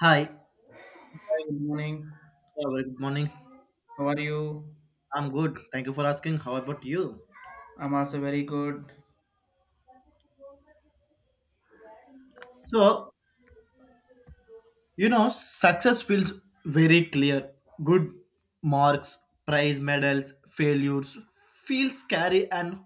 Hi. Yeah, Hi, good morning. very good morning. How are you? I'm good. Thank you for asking. How about you? I'm also very good. So, you know, success feels very clear. Good marks, prize medals, failures feel scary and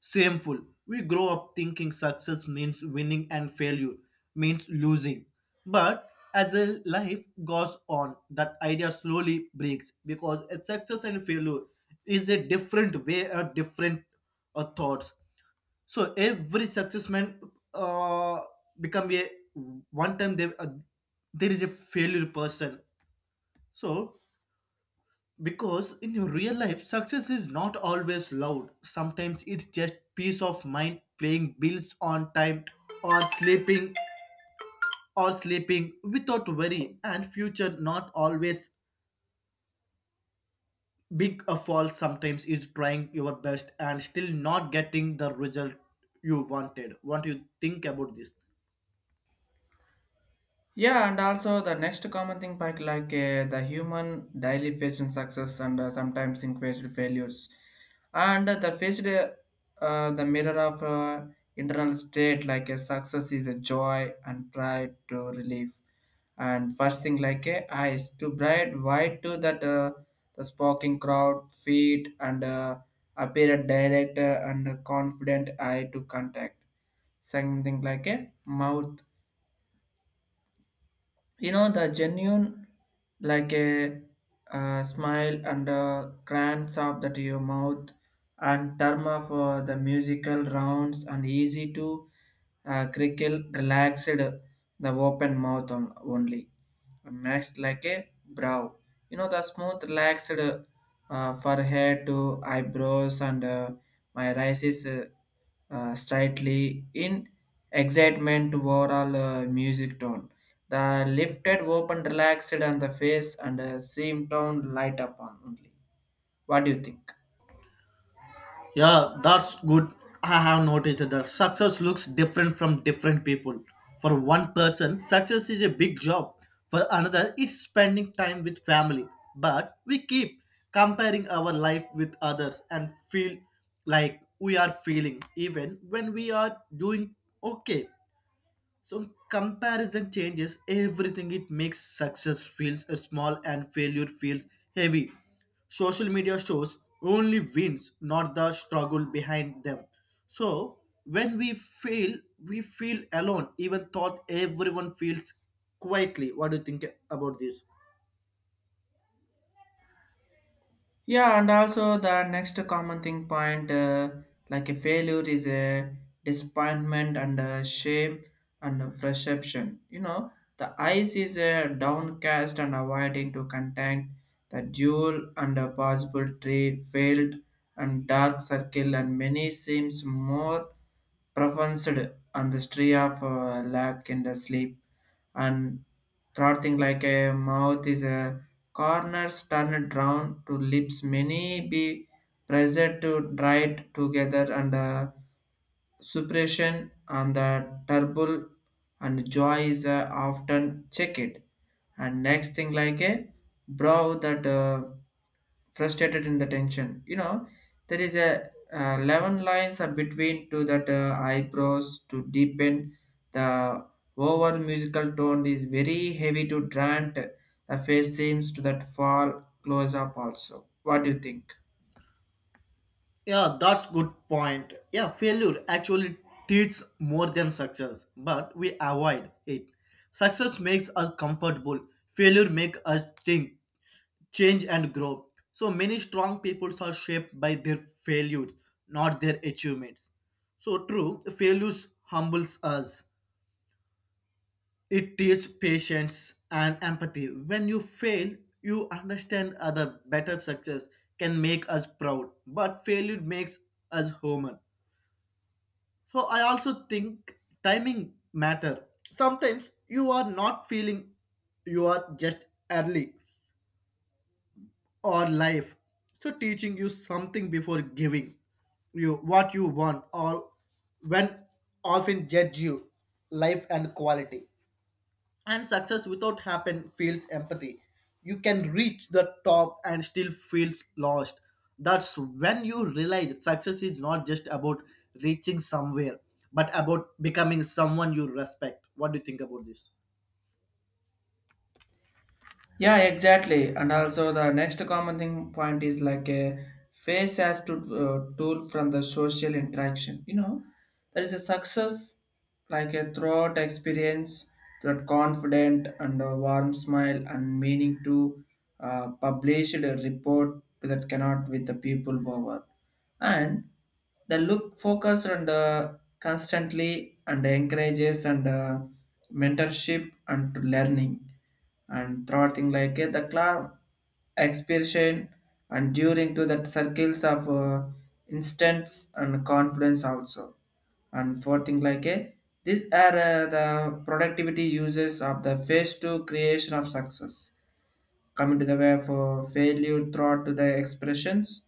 shameful. We grow up thinking success means winning and failure means losing. But as a life goes on, that idea slowly breaks because a success and failure is a different way or different thoughts. So every success man uh, become a one time they there is a failure person. So because in your real life success is not always loud. Sometimes it's just peace of mind, paying bills on time, or sleeping without worry. And future not always big a fall. Sometimes is trying your best and still not getting the result you wanted. What do you think about this? Yeah, and also the next common thing, like, the human daily facing success and sometimes in faced failures, and the faced the mirror of internal state, like a success is a joy and pride to relief, and first thing like a eyes to bright white to that the sparking crowd feet and appear a direct and confident eye to contact something like a mouth, you know, the genuine like a smile and a glance of that your mouth and term of the musical rounds and easy to crickle relaxed the open mouth on, only next like a brow, you know, the smooth relaxed forehead to eyebrows and my rise is slightly in excitement to overall music tone the lifted open relaxed on the face and seem tone light up on only. What do you think? Yeah, that's good. I have noticed that the success looks different from different people. For one person, success is a big job. For another, it's spending time with family. But we keep comparing our life with others and feel like we are feeling even when we are doing okay. So comparison changes everything. It makes success feels small and failure feels heavy. Social media shows only wins, not the struggle behind them. So when we fail, we feel alone. Even thought everyone feels quietly. What do you think about this? Yeah, and also the next common thing point, like a failure is a disappointment and a shame and a frustration. You know, the eyes is a downcast and avoiding to contact the dual and a possible trade failed and dark circle and many seems more pronounced on the street of lack in the sleep and throttling like a mouth is a corners turned round to lips many be present to dried together and suppression and the trouble and joy is often checked and next thing like a brow that frustrated in the tension, you know, there is a 11 lines are between to that eyebrows to deepen the over musical tone is very heavy to grant the face seems to that fall close up also. What do you think? Yeah, that's good point. Yeah, failure actually teaches more than success, but we avoid it. Success makes us comfortable. Failure makes us think. Change and grow. So many strong peoples are shaped by their failures, not their achievements. So true, failures humbles us. It teaches patience and empathy. When you fail, you understand other better success can make us proud, but failure makes us human. So I also think timing matter. Sometimes you are not feeling you are just early or life. So teaching you something before giving you what you want or when often judge you life and quality. And success without happen feels empathy. You can reach the top and still feel lost. That's when you realize that success is not just about reaching somewhere, but about becoming someone you respect. What do you think about this? Yeah, exactly. And also the next common thing point is like a face as to tool from the social interaction. You know, there is a success like a throughout experience that confident and a warm smile and meaning to published a report that cannot with the people over and the look focused and constantly and encourages and mentorship and to learning and throughout thing like the club expression and during to that circles of instance and confidence also and fourth thing like these are the productivity uses of the phase two creation of success coming to the way for failure throughout to the expressions,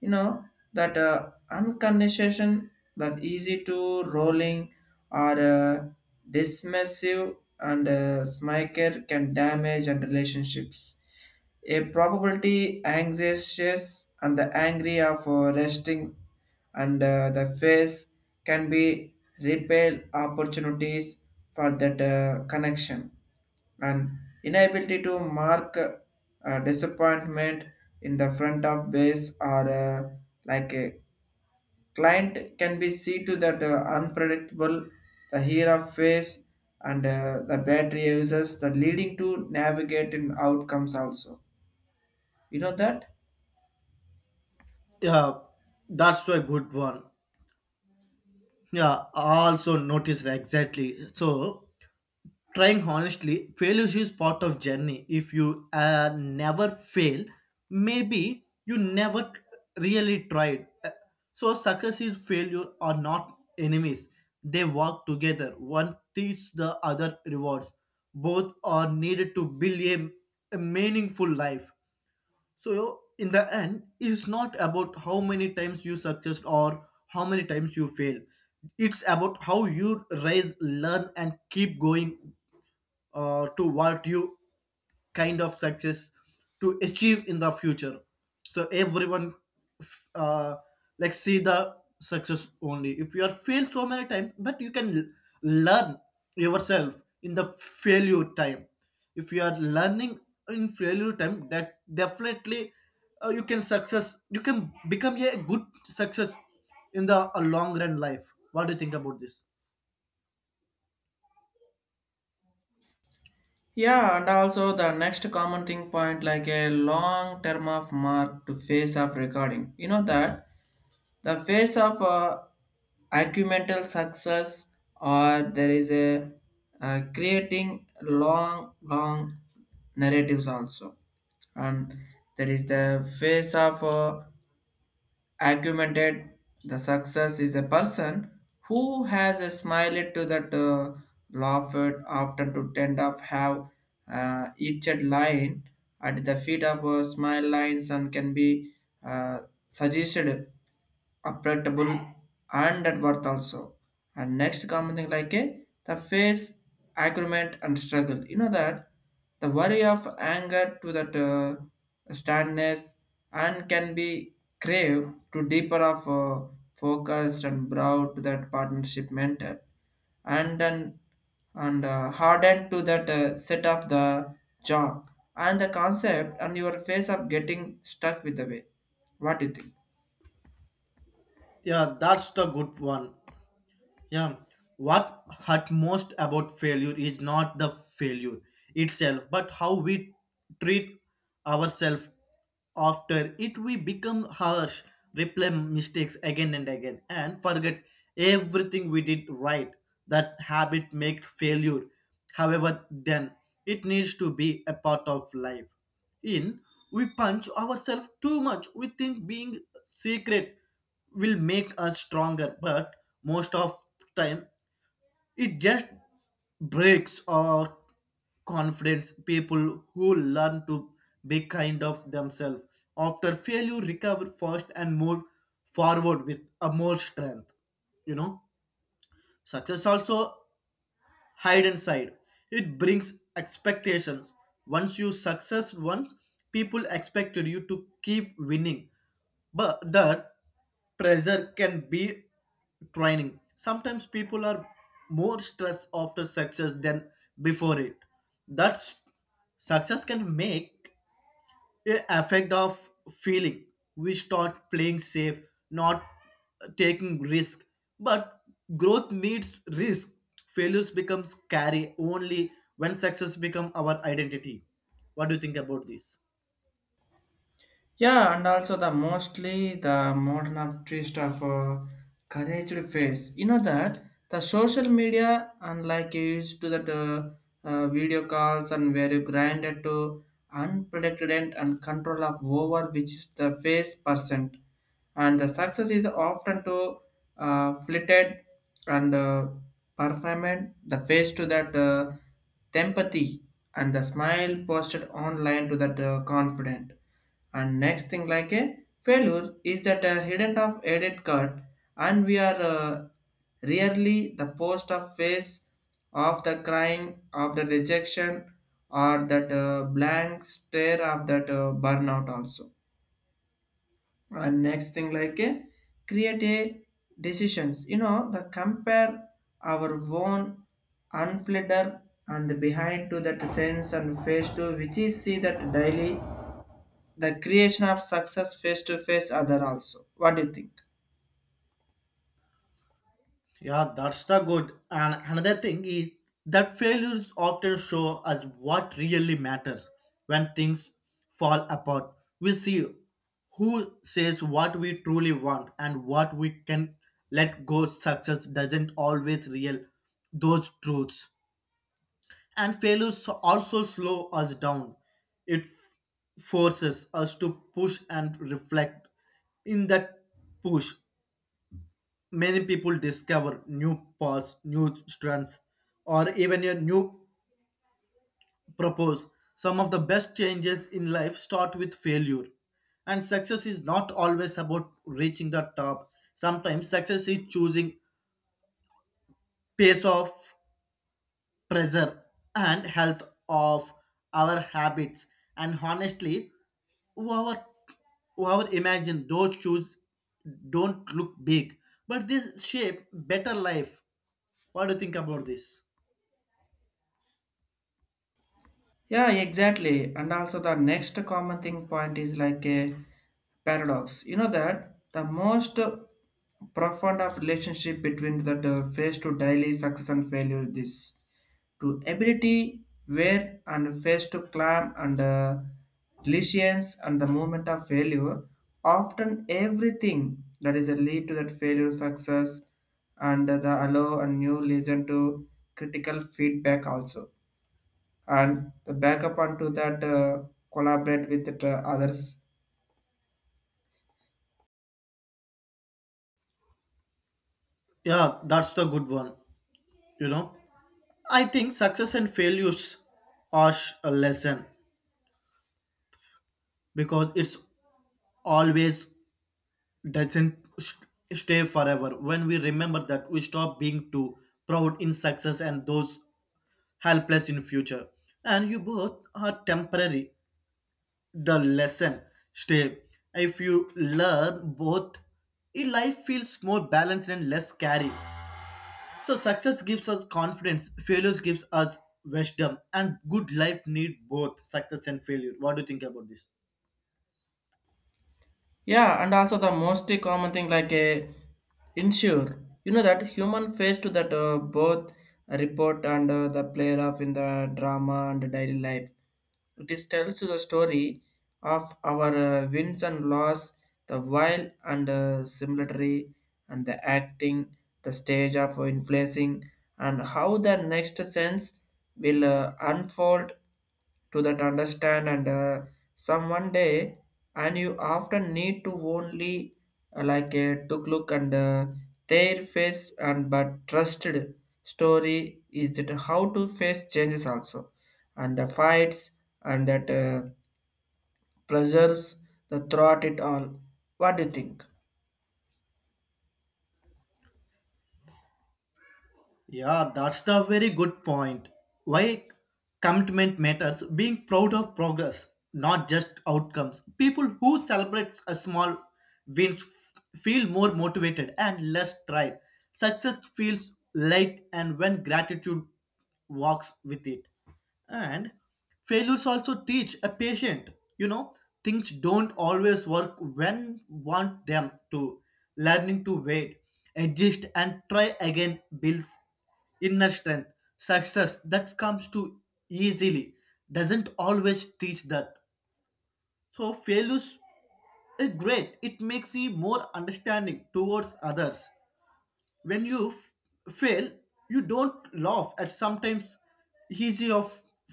you know, that uncondition that easy to rolling or dismissive and smiker can damage and relationships a probability anxious and the angry of resting and the face can be repel opportunities for that connection and inability to mark disappointment in the front of base or like a client can be see to that unpredictable the here of face and the battery uses the leading to navigating outcomes also, you know that? Yeah, that's a good one. Yeah, I also noticed that exactly. So, trying honestly, failure is part of journey. If you never fail, maybe you never really tried. So success is failure are not enemies. They work together. One teaches the other rewards. Both are needed to build a meaningful life. So in the end, it's not about how many times you success or how many times you fail. It's about how you raise, learn, and keep going to what you kind of success to achieve in the future. So everyone f- uh, like see the success only if you are failed so many times but you can learn yourself in the failure time. If you are learning in failure time, that definitely you can success, you can become a good success in the a long run life. What do you think about this? Yeah, and also the next common thing point like a long term of mark to phase of recording. You know that the phase of acumental success or there is a creating long narratives also and there is the phase of argumented the success is a person who has a smile to that laughed often to tend of have each line at the feet of smile lines and can be uh, suggested appreciable and net worth also. And next common thing like a the face, agreement and struggle. You know that the worry of anger to that sadness and can be crave to deeper of focused and broad to that partnership mentor and then and hardened to that set of the job and the concept and your face of getting stuck with the way. What do you think? Yeah, that's the good one. Yeah, what hurt most about failure is not the failure itself, but how we treat ourselves after it. We become harsh, replay mistakes again and again, and forget everything we did right. That habit makes failure. However, then it needs to be a part of life. In we punch ourselves too much. We think being secret will make us stronger but most of time it just breaks our confidence. People who learn to be kind of themselves after failure recover fast and move forward with a more strength. You know, success also hide inside. It brings expectations. Once you success once, people expected you to keep winning. But that pressure can be training. Sometimes people are more stressed after success than before it. That's success can make a effect of feeling. We start playing safe, not taking risk, but growth needs risk. Failures become scary only when success become our identity. What do you think about this? Yeah, and also the mostly the modern of twist of courage face. You know that the social media, unlike you used to that video calls and where you grinded to unprecedented and control of over which is the face percent, and the success is often to flitted and performed the face to that empathy and the smile posted online to that confident and next thing like a failure is that a hidden of edit card and we are rarely the post of face of the crying of the rejection or that blank stare of that burnout also and next thing like a create a decisions, you know, the compare our own unfiltered and behind to that sense and face to which is see that daily the creation of success face to face other also. What do you think? Yeah, that's the good. And another thing is that failures often show us what really matters when things fall apart. We see who says what we truly want and what we can let go. Success doesn't always reveal those truths. And failures also slow us down. It forces us to push and reflect. In that push, many people discover new paths, new strands, or even a new purpose. Some of the best changes in life start with failure. And success is not always about reaching the top. Sometimes success is choosing pace of pressure and health of our habits. And honestly, whoever whoever imagined those shoes don't look big, but they shape better life. What do you think about this? Yeah, exactly. And also the next common thing point is like a paradox, you know, that the most profound of relationship between that face to daily success and failure is this to ability where and face to climb and resilience and the moment of failure often everything that is a lead to that failure success and the allow and new listen to critical feedback also and the back up onto that collaborate with the others. Yeah, that's the good one. You know, I think success and failures are a lesson because it's always doesn't stay forever. When we remember that, we stop being too proud in success and those helpless in future. And you both are temporary. The lesson stay. If you learn both, your life feels more balanced and less scary. So success gives us confidence, failures gives us wisdom, and good life need both success and failure. What do you think about this? Yeah, and also the most common thing like a insure. You know that human face to that both report and the player of in the drama and daily life. This tells the story of our wins and loss, the while and similary, and the acting, the stage of influencing, and how the next sense will unfold to that understand and some one day and you often need to only like took look and their face and but trusted story is that how to face changes also and the fights and that pressures the throughout it all. What do you think? Yeah, that's the very good point. Why commitment matters, being proud of progress, not just outcomes. People who celebrate a small wins feel more motivated and less tried. Success feels light and when gratitude walks with it. And failures also teach a patient. You know, things don't always work when want them to. Learning to wait, adjust and try again builds inner strength. Success that comes too easily doesn't always teach that. So failures is great, it makes you more understanding towards others. When you fail, you don't laugh at sometimes easy of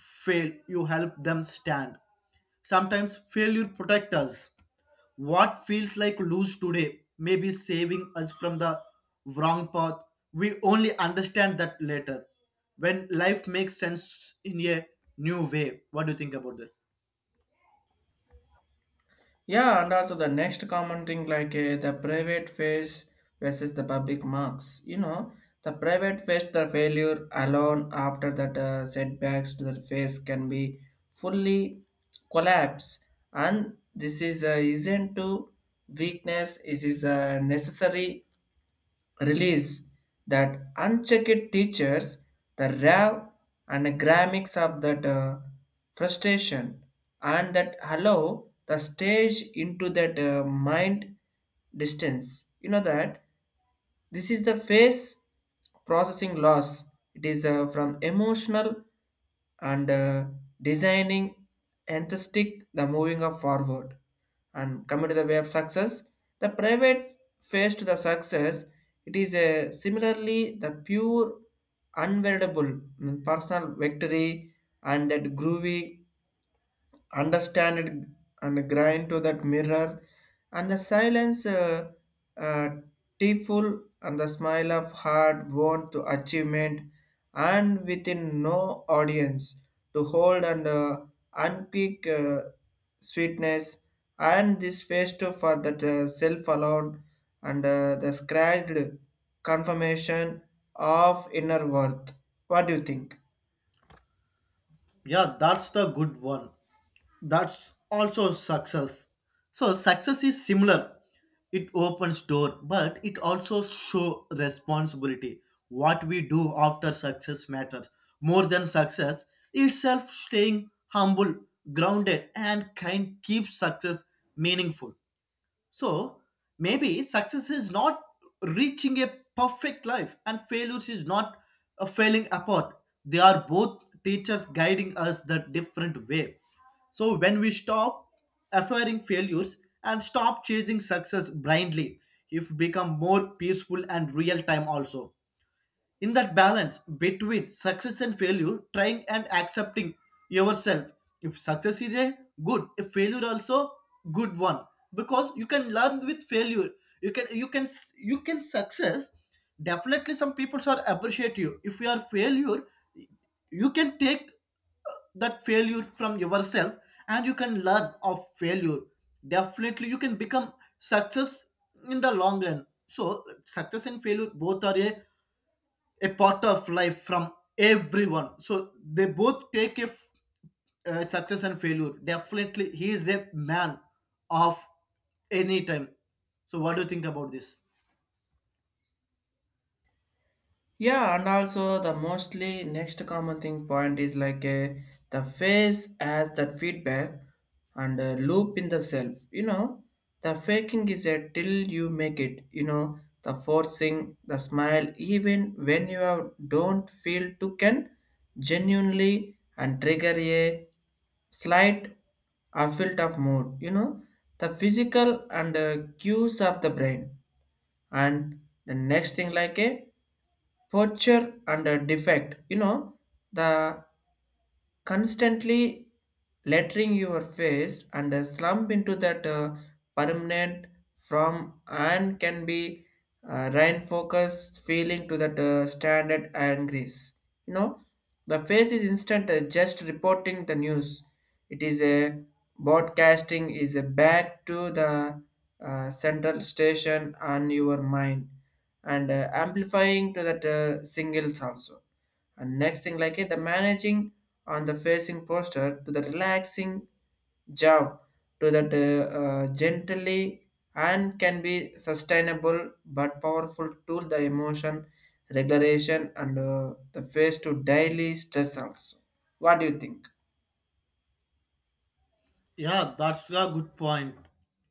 fail, you help them stand. Sometimes failure protect us. What feels like lose today may be saving us from the wrong path. We only understand that later when life makes sense in a new way. What do you think about this? Yeah, and also the next common thing like the private face versus the public marks. You know, the private face the failure alone after that setbacks to the face can be fully collapse, and this is isn't to weakness. It is a necessary release that unchecked teachers the rave and grammix of that frustration and that allow the stage into that mind distance, you know, that this is the face processing loss. It is from emotional and designing enthusiastic the moving of forward and coming to the way of success. The private face to the success. It is a similarly the pure, unweldable mm, personal victory and that groovy understand it and grind to that mirror and the silence uh, tearful and the smile of hard won to achievement and within no audience to hold and unpeak sweetness and this face too for that self alone and the scratched confirmation of inner worth. What do you think? Yeah, that's the good one. That's also success. So success is similar, it opens door but it also show responsibility. What we do after success matters more than success itself. Staying humble, grounded and kind keeps success meaningful. So maybe success is not reaching a perfect life, and failures is not a failing apart. They are both teachers guiding us the different way. So when we stop acquiring failures and stop chasing success blindly, if become more peaceful and real time also. In that balance between success and failure, trying and accepting yourself, if success is a good, if failure also good one, because you can learn with failure. You can you can success. Definitely some people are appreciate you if you are failure. You can take that failure from yourself and you can learn of failure. Definitely you can become success in the long run. So success and failure both are a part of life from everyone. So they both take a success and failure. Definitely, he is a man of any time. So, what do you think about this? Yeah, and also the mostly next common thing point is like the face has that feedback and loop in the self. You know, the faking is a till you make it. You know, the forcing, the smile, even when you have, don't feel to can genuinely and trigger a slight affect of mood. You know, the physical and cues of the brain and the next thing like a poacher and a defect, you know, the constantly lettering your face and slump into that permanent from and can be rein focus feeling to that standard angries, you know, the face is instant just reporting the news. It is a broadcasting is a back to the central station on your mind and amplifying to that singles also and next thing like it, the managing on the facing posture to the relaxing jaw to that gently and can be sustainable but powerful tool the emotion regulation and the face to daily stress also. What do you think? Yeah, that's a good point.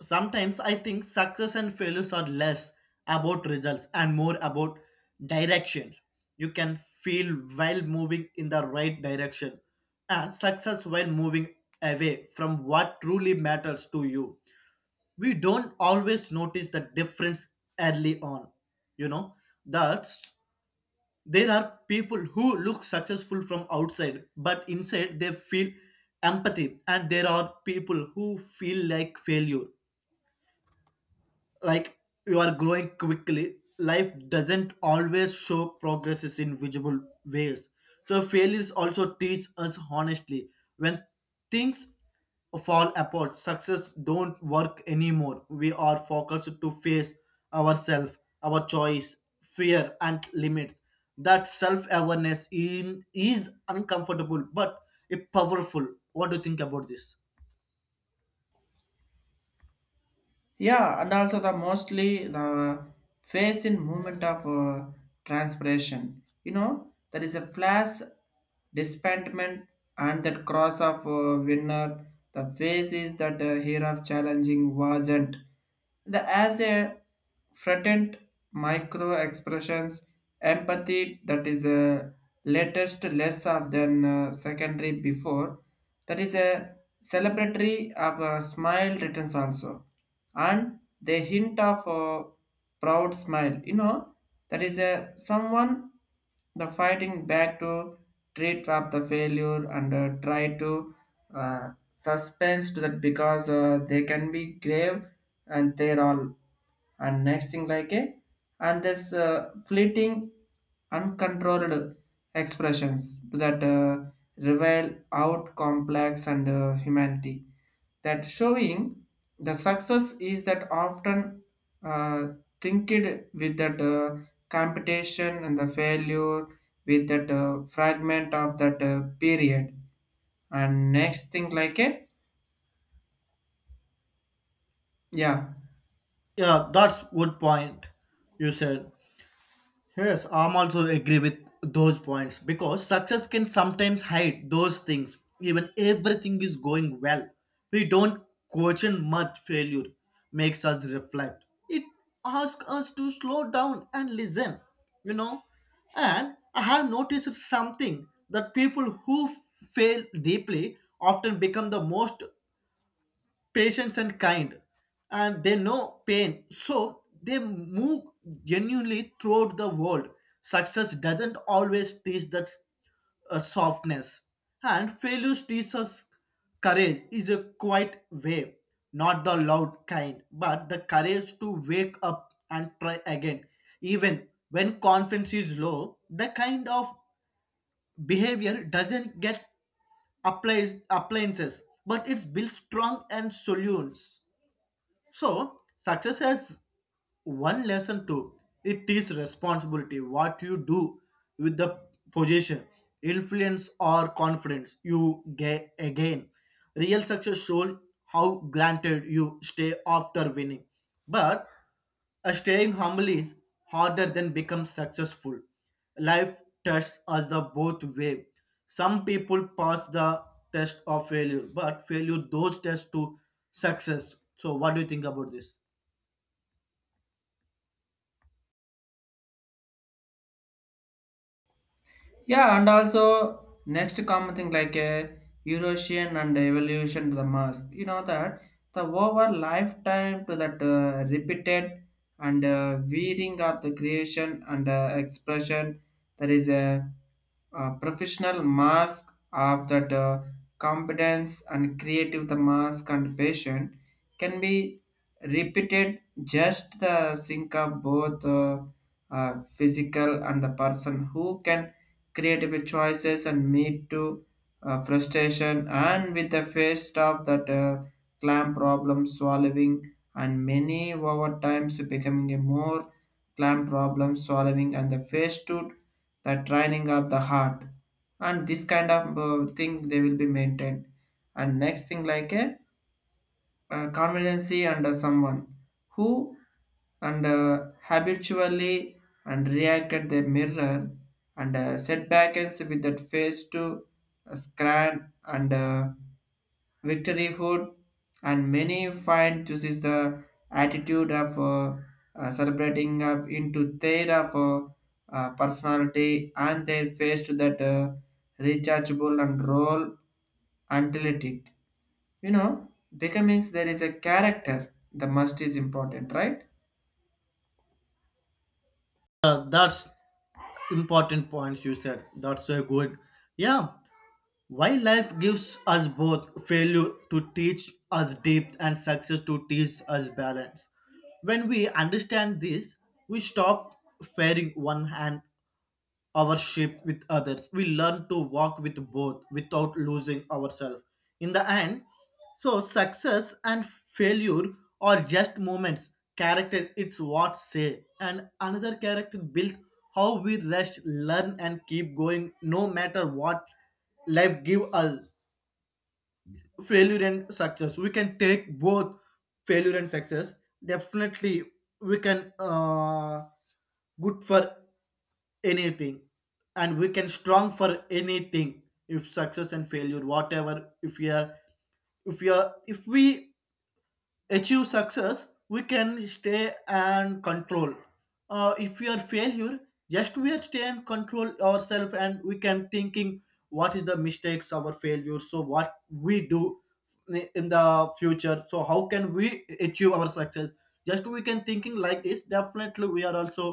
Sometimes I think success and failures are less about results and more about direction. You can feel while moving in the right direction and success while moving away from what truly matters to you. We don't always notice the difference early on. You know, that there are people who look successful from outside but inside they feel empathy, and there are people who feel like failure, like you are growing quickly. Life doesn't always show progresses in visible ways. So failures also teach us honestly. When things fall apart, success don't work anymore, we are focused to face ourselves, our choice, fear and limits. That self-awareness in is uncomfortable but it powerful. What do you think about this? Yeah, and also the mostly the face in movement of transpiration. You know, there is a flash, dispentment, and that cross of winner. The face is that here of challenging wasn't. The as a threatened micro expressions, empathy that is a latest less of than secondary before. That is a celebratory of a smile returns also and they hint of a proud smile. You know, that is a someone the fighting back to treat up the failure and try to suspense to that because they can be grave and they're all and next thing like a and this fleeting uncontrolled expressions that reveal out complex and humanity that showing the success is that often uh, thinked with that competition and the failure with that fragment of that period and next thing like a yeah. Yeah, that's good point. You said yes, I'm also agree with those points because success can sometimes hide those things. Even everything is going well, we don't question much. Failure makes us reflect. It asks us to slow down and listen. You know, and I have noticed something that people who fail deeply often become the most patience and kind, and they know pain so they move genuinely throughout the world. Success doesn't always teach that softness. And failure teaches us courage is a quiet way, not the loud kind but the courage to wake up and try again even when confidence is low. The kind of behavior doesn't get applies, appliances, but it's built strong and solutions. So success has one lesson too, it is responsibility. What you do with the position, influence or confidence you get again, real success shows how granted you stay after winning. But staying humble is harder than become successful. Life tests us the both way. Some people pass the test of failure but failure those tests to success. So what do you think about this? Yeah, and also next common thing like a Eurasian and evolution to the mask. You know that the over lifetime to that repeated and wearing of the creation and expression. There is a, professional mask of that competence and creative the mask and patient can be repeated just the sync of both physical and the person who can create the choices and meet to frustration and with the face of that clam problem solving and many over times becoming a more clam problem solving and the face to the training of the heart and this kind of thing they will be maintained and next thing like a convergency and someone who and habitually and reacted the mirror and setbacks with that face to scan and victoryhood and many find this is the attitude of celebrating of into their of personality and their face to that rechargeable and role until it, you know, becoming there is a character, the must is important, right? That's important points you said. That's so good. Yeah, why life gives us both failure to teach us depth and success to teach us balance. When we understand this, we stop fearing one hand our shape with others. We learn to walk with both without losing ourselves. In the end, so success and failure are just moments. Character, it's what say. And another character built how we rest, learn, and keep going no matter what life give us. Failure and success. We can take both failure and success. Definitely, we can good for anything and we can strong for anything. If success and failure whatever, if we are if we achieve success, we can stay and control. If we are failure, just we are stay and control ourselves and we can thinking what is the mistakes our failure, so what we do in the future, so how can we achieve our success. Just we can thinking like this. Definitely we are also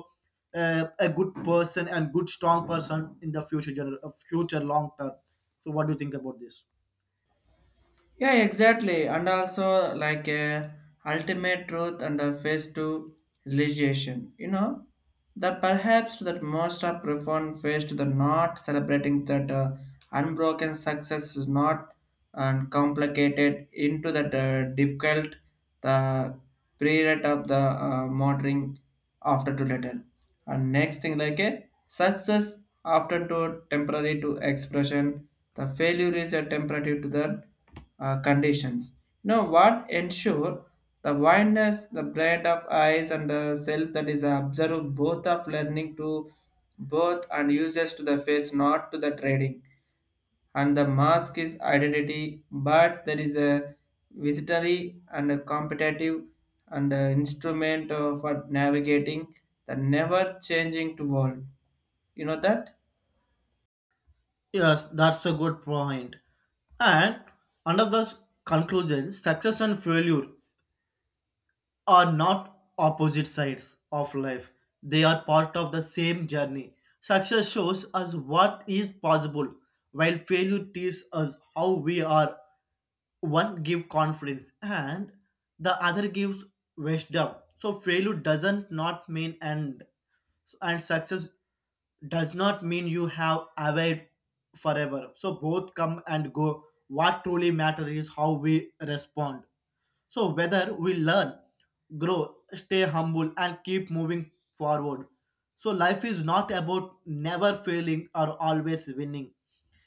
a good person and good strong person in the future future long term. So what do you think about this? Yeah, exactly. And also like a ultimate truth and a phase to realization. You know, the perhaps that most are profound phase to the not celebrating that unbroken success is not and complicated into that difficult the period of the motoring after to later. And next thing like a success often to temporary to expression the failure is a temperative to the conditions. Now, what ensure the blindness, the brand of eyes and the self that is observed both of learning to both and uses to the face, not to the trading. And the mask is identity, but there is a visitory and a competitive and a instrument for navigating the never changing to world. You know that? Yes, that's a good point. And under the conclusion, success and failure are not opposite sides of life. They are part of the same journey. Success shows us what is possible, while failure teaches us how we are. One gives confidence and the other gives wisdom. So failure doesn't not mean end and success does not mean you have arrived forever. So both come and go. What truly matters is how we respond. So, whether we learn, grow, stay humble, and keep moving forward. So, life is not about never failing or always winning.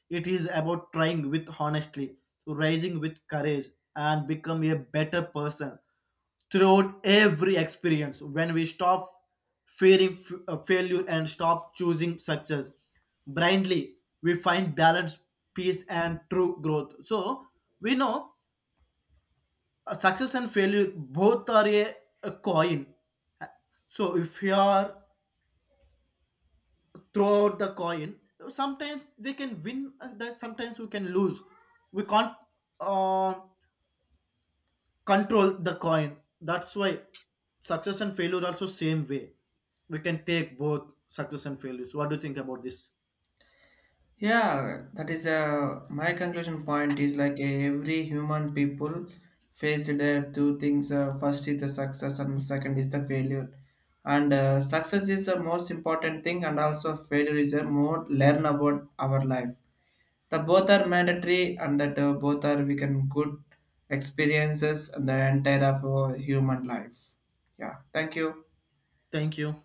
It is about trying with honestly, rising with courage, and become a better person throughout every experience. When we stop fearing failure and stop choosing success blindly, we find balance, peace, and true growth. So, we know success and failure both are a coin. So if you are throw out the coin, sometimes they can win. That sometimes we can lose. We can't uh, control the coin. That's why success and failure also same way. We can take both success and failures. What do you think about this? Yeah, that is my conclusion point is like every human people face two things. First is the success and second is the failure. And success is the most important thing and also failure is a more learn about our life. The both are mandatory and that both are we can good experiences and the entire of human life. Yeah, thank you. Thank you.